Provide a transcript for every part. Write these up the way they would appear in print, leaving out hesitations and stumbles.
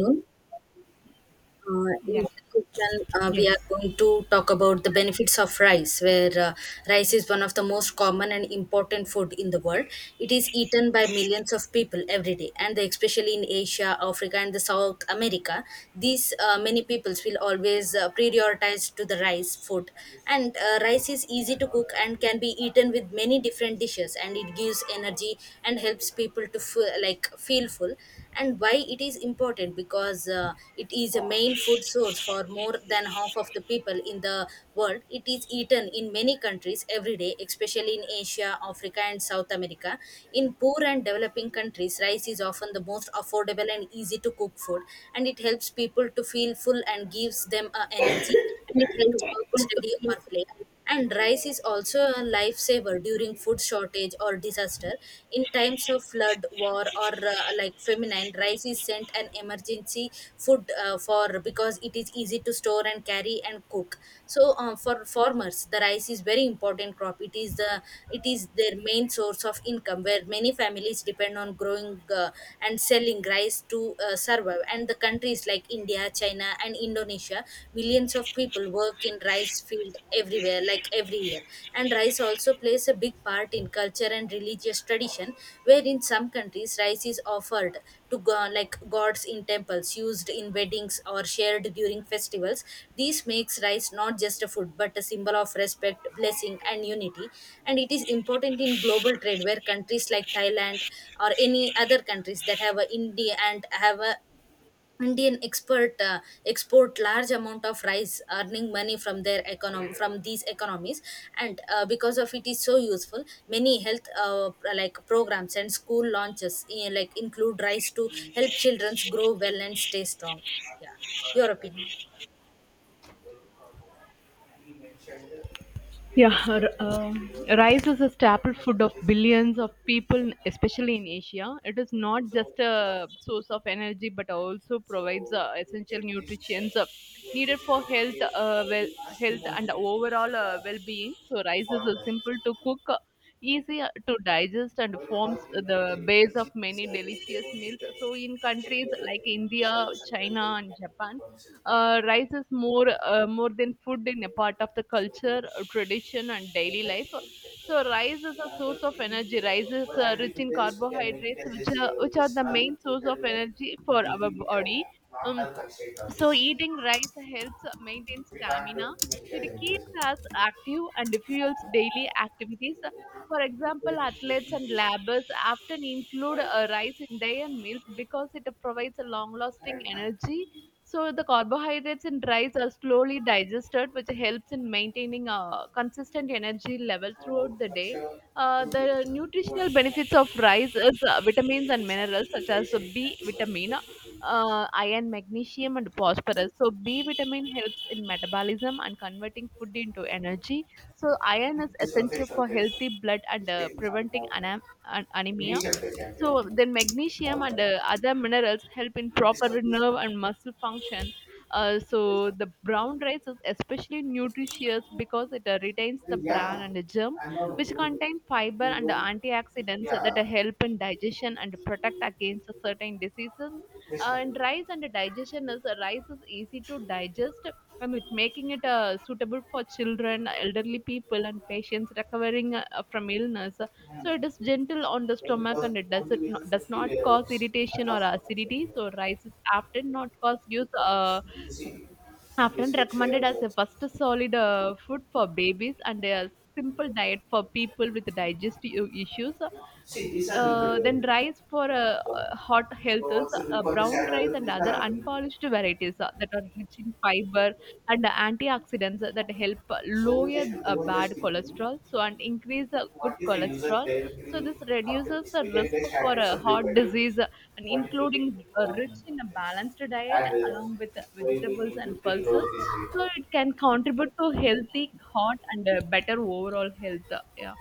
Afternoon. In Yeah. this session, we are Yes. going to talk about the benefits of rice, where rice is one of the most common and important food in the world. It is eaten by millions of people every day, and especially in Asia, Africa, and the South America, these many peoples will always prioritize to the rice food. And rice is easy to cook and can be eaten with many different dishes, and it gives energy and helps people to feel full and why it is important because it is a main food source for more than half of the people in the world. It is eaten in many countries every day, especially in Asia, Africa, and South America. In poor and developing countries, rice is often the most affordable and easy to cook food, and it helps people to feel full and gives them energy and even to work, childhood study, or difference. play. And rice is also a lifesaver during food shortage or disaster. In times of flood, war, or like famine, rice is sent an emergency food for because it is easy to store and carry and cook. So for farmers, the rice is very important crop. It is their main source of income, where many families depend on growing and selling rice to survive. And the countries like India, China, and Indonesia, millions of people work in rice field everywhere, like every year. And rice also plays a big part in culture and religious tradition, where in some countries rice is offered like gods in temples, used in weddings or shared during festivals. This makes rice not just a food but a symbol of respect, blessing, and unity. And it is important in global trade, where countries like Thailand or any other countries that have a India and have a Indian expert export large amount of rice, earning money from their econom from these economies, and because of it is so useful. Many health like programs and school launches eh, like include rice to help children grow well and stay strong. Yeah, your opinion. Yeah, rice is a staple food of billions of people, especially in Asia. It is not just a source of energy, but also provides essential nutrients, needed for health and overall well-being. So, rice is simple to cook, easy to digest, and forms the base of many delicious meals. So, in countries like India, China, and Japan. Rice is more than food in a part of the culture, tradition, and daily life. So rice is a source of energy. Rice is rich in carbohydrates, which are the main source of energy for our body. Um, so eating rice helps maintain stamina. It keeps us active and fuels daily activities. For example, athletes and labbers often include rice in their meals because it provides a long-lasting energy. So the carbohydrates in rice are slowly digested, which helps in maintaining a consistent energy level throughout the day. The nutritional benefits of rice is vitamins and minerals such as B vitamin, iron, magnesium, and phosphorus. So, B vitamin helps in metabolism and converting food into energy. So, iron is essential for healthy blood and preventing anemia. So, then magnesium and other minerals help in proper nerve and muscle function. So, the brown rice is especially nutritious because it retains the bran and the germ, which contain fiber and antioxidants that help in digestion and protect against certain diseases, and rice and digestion is rice is easy to digest and it making it suitable for children, elderly people, and patients recovering from illness. So it is gentle on the stomach and it does it not, does not cause irritation or acidity. So rice is often not cause use often recommended as a first solid food for babies and a simple diet for people with digestive issues. Then rice for hot health is brown rice and other unpolished varieties that are rich in fiber and antioxidants that help lower bad cholesterol, so and increase good cholesterol, so this reduces the risk for a heart disease, and including rich in a balanced diet along with vegetables and pulses, so it can contribute to healthy heart and better overall health. Yeah.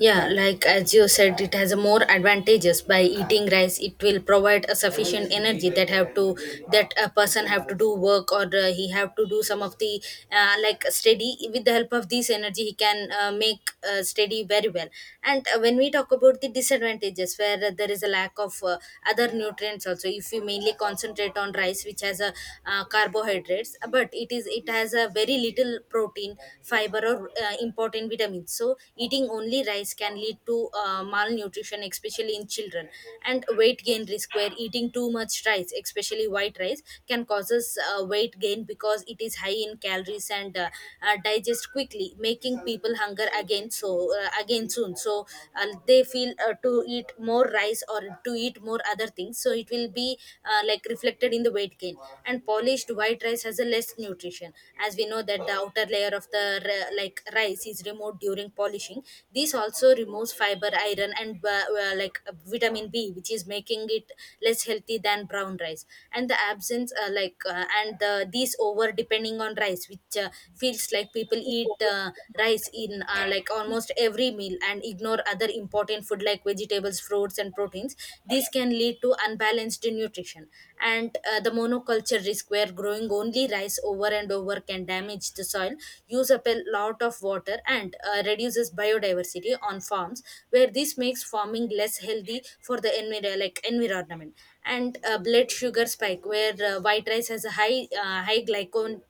Yeah, like as you said, it has a more advantages by eating rice. It will provide a sufficient energy that have to that a person have to do work or he have to do some of the like steady with the help of this energy he can make steady very well. And when we talk about the disadvantages where there is a lack of other nutrients also, if we mainly concentrate on rice which has a carbohydrates, but it is it has a very little protein fiber or important vitamins, so eating only rice can lead to malnutrition especially in children, and weight gain risk where eating too much rice, especially white rice, can causes weight gain because it is high in calories and digest quickly, making people hunger again, so again soon, so they feel to eat more rice or to eat more other things, so it will be like reflected in the weight gain. And polished white rice has a less nutrition, as we know that the outer layer of the like rice is removed during polishing. This also removes fiber, iron, and like vitamin b, which is making it less healthy than brown rice. And the absence like these over depending on rice, which feels like people eat rice in like almost every meal and ignore other important food like vegetables, fruits, and proteins, these can lead to unbalanced nutrition. And the monoculture risk, where growing only rice over and over can damage the soil, use up a lot of water, and reduces biodiversity on farms, where this makes farming less healthy for the like environment. And blood sugar spike, where white rice has a high glycemic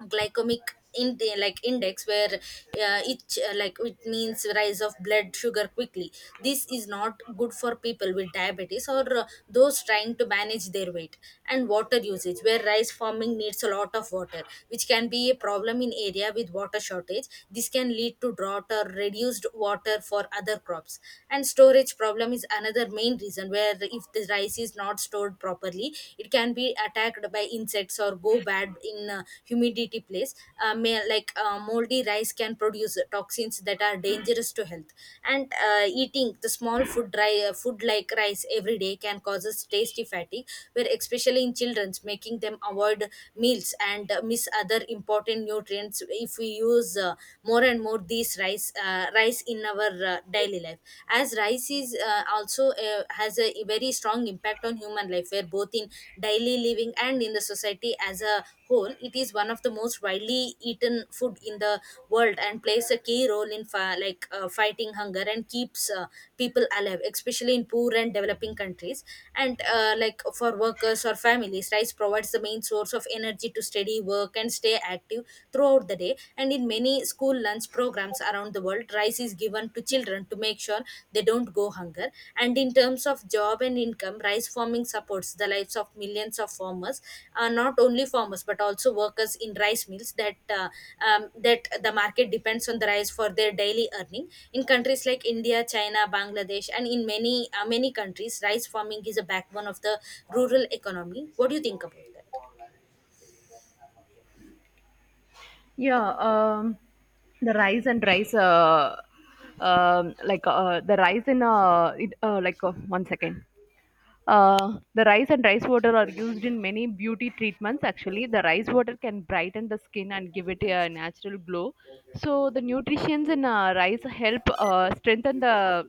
glycemic in like index, where each like it means rise of blood sugar quickly. This is not good for people with diabetes or those trying to manage their weight. And water usage, where rice farming needs a lot of water, which can be a problem in area with water shortage. This can lead to drought or reduced water for other crops. And storage problem is another main reason, where if the rice is not stored properly it can be attacked by insects or go bad in a humidity place. May, like moldy rice can produce toxins that are dangerous to health. And eating the small food dry food like rice every day can causes tasty fatigue, where especially in children's, making them avoid meals and miss other important nutrients if we use more and more these rice in our daily life. As rice is also has a very strong impact on human life, where both in daily living and in the society as a whole, it is one of the most widely eaten food in the world and plays a key role in like fighting hunger and keeps people alive, especially in poor and developing countries. And like for workers or families, rice provides the main source of energy to steady work and stay active throughout the day. And in many school lunch programs around the world, rice is given to children to make sure they don't go hunger. And in terms of job and income, rice farming supports the lives of millions of farmers, not only farmers but also workers in rice mills that that the market depends on the rice for their daily earning. In countries like India, China, Bangladesh, and in many many countries, rice farming is a backbone of the rural economy. What do you think about that? Yeah. The rice and rice, like the rice in it, like One second. The rice and rice water are used in many beauty treatments. Actually, the rice water can brighten the skin and give it a natural glow. So the nutrients in rice help uh, strengthen the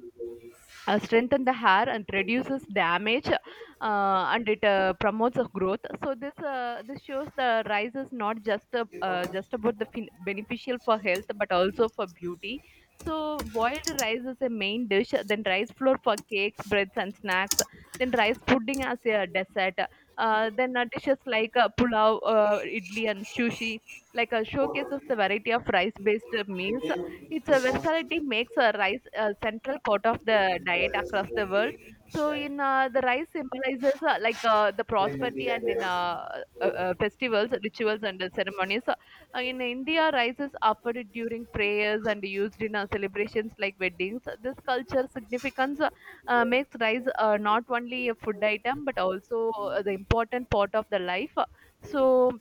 uh, strengthen the hair and reduces damage, and it promotes a growth. So this shows the rice is not just about the beneficial for health but also for beauty. So boiled rice is a main dish, then rice flour for cakes, breads, and snacks, then rice pudding as a dessert, then dishes like pulao, idli, and sushi, showcases the variety of rice based meals. Its versatility makes rice a central part of the diet across the world. So, in the rice symbolizes the prosperity and in festivals, rituals, and ceremonies. So, in India, rice is offered during prayers and used in celebrations like weddings. This culture significance makes rice not only a food item but also the important part of the life. So,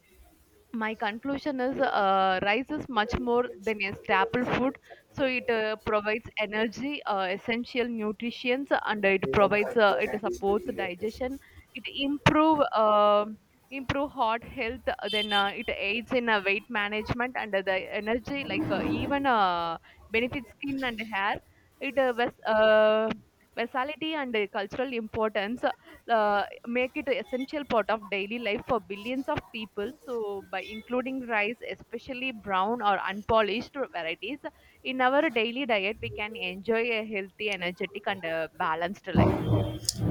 my conclusion is rice is much more than a staple food, so it provides energy, essential nutrients, and it provides it supports digestion, it improve improve heart health, then it aids in weight management, and the energy like even benefits skin and hair. It ves- versatility and cultural importance, uh, make it an essential part of daily life for billions of people. So, by including rice, especially brown or unpolished varieties, in our daily diet, we can enjoy a healthy, energetic, and balanced life. Yeah.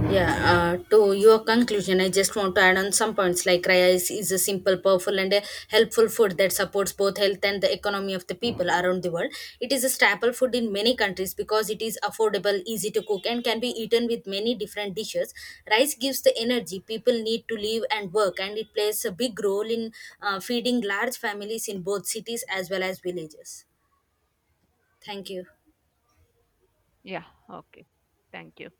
Yeah, to your conclusion, I just want to add on some points like is a simple, powerful, and a helpful food that supports both health and the economy of the people around the world. It is a staple food in many countries because it is affordable, easy to cook, and can be eaten with many different dishes. Rice gives the energy people need to live and work, and it plays a big role in feeding large families in both cities as well as villages. Thank you. Yeah. Okay. Thank you.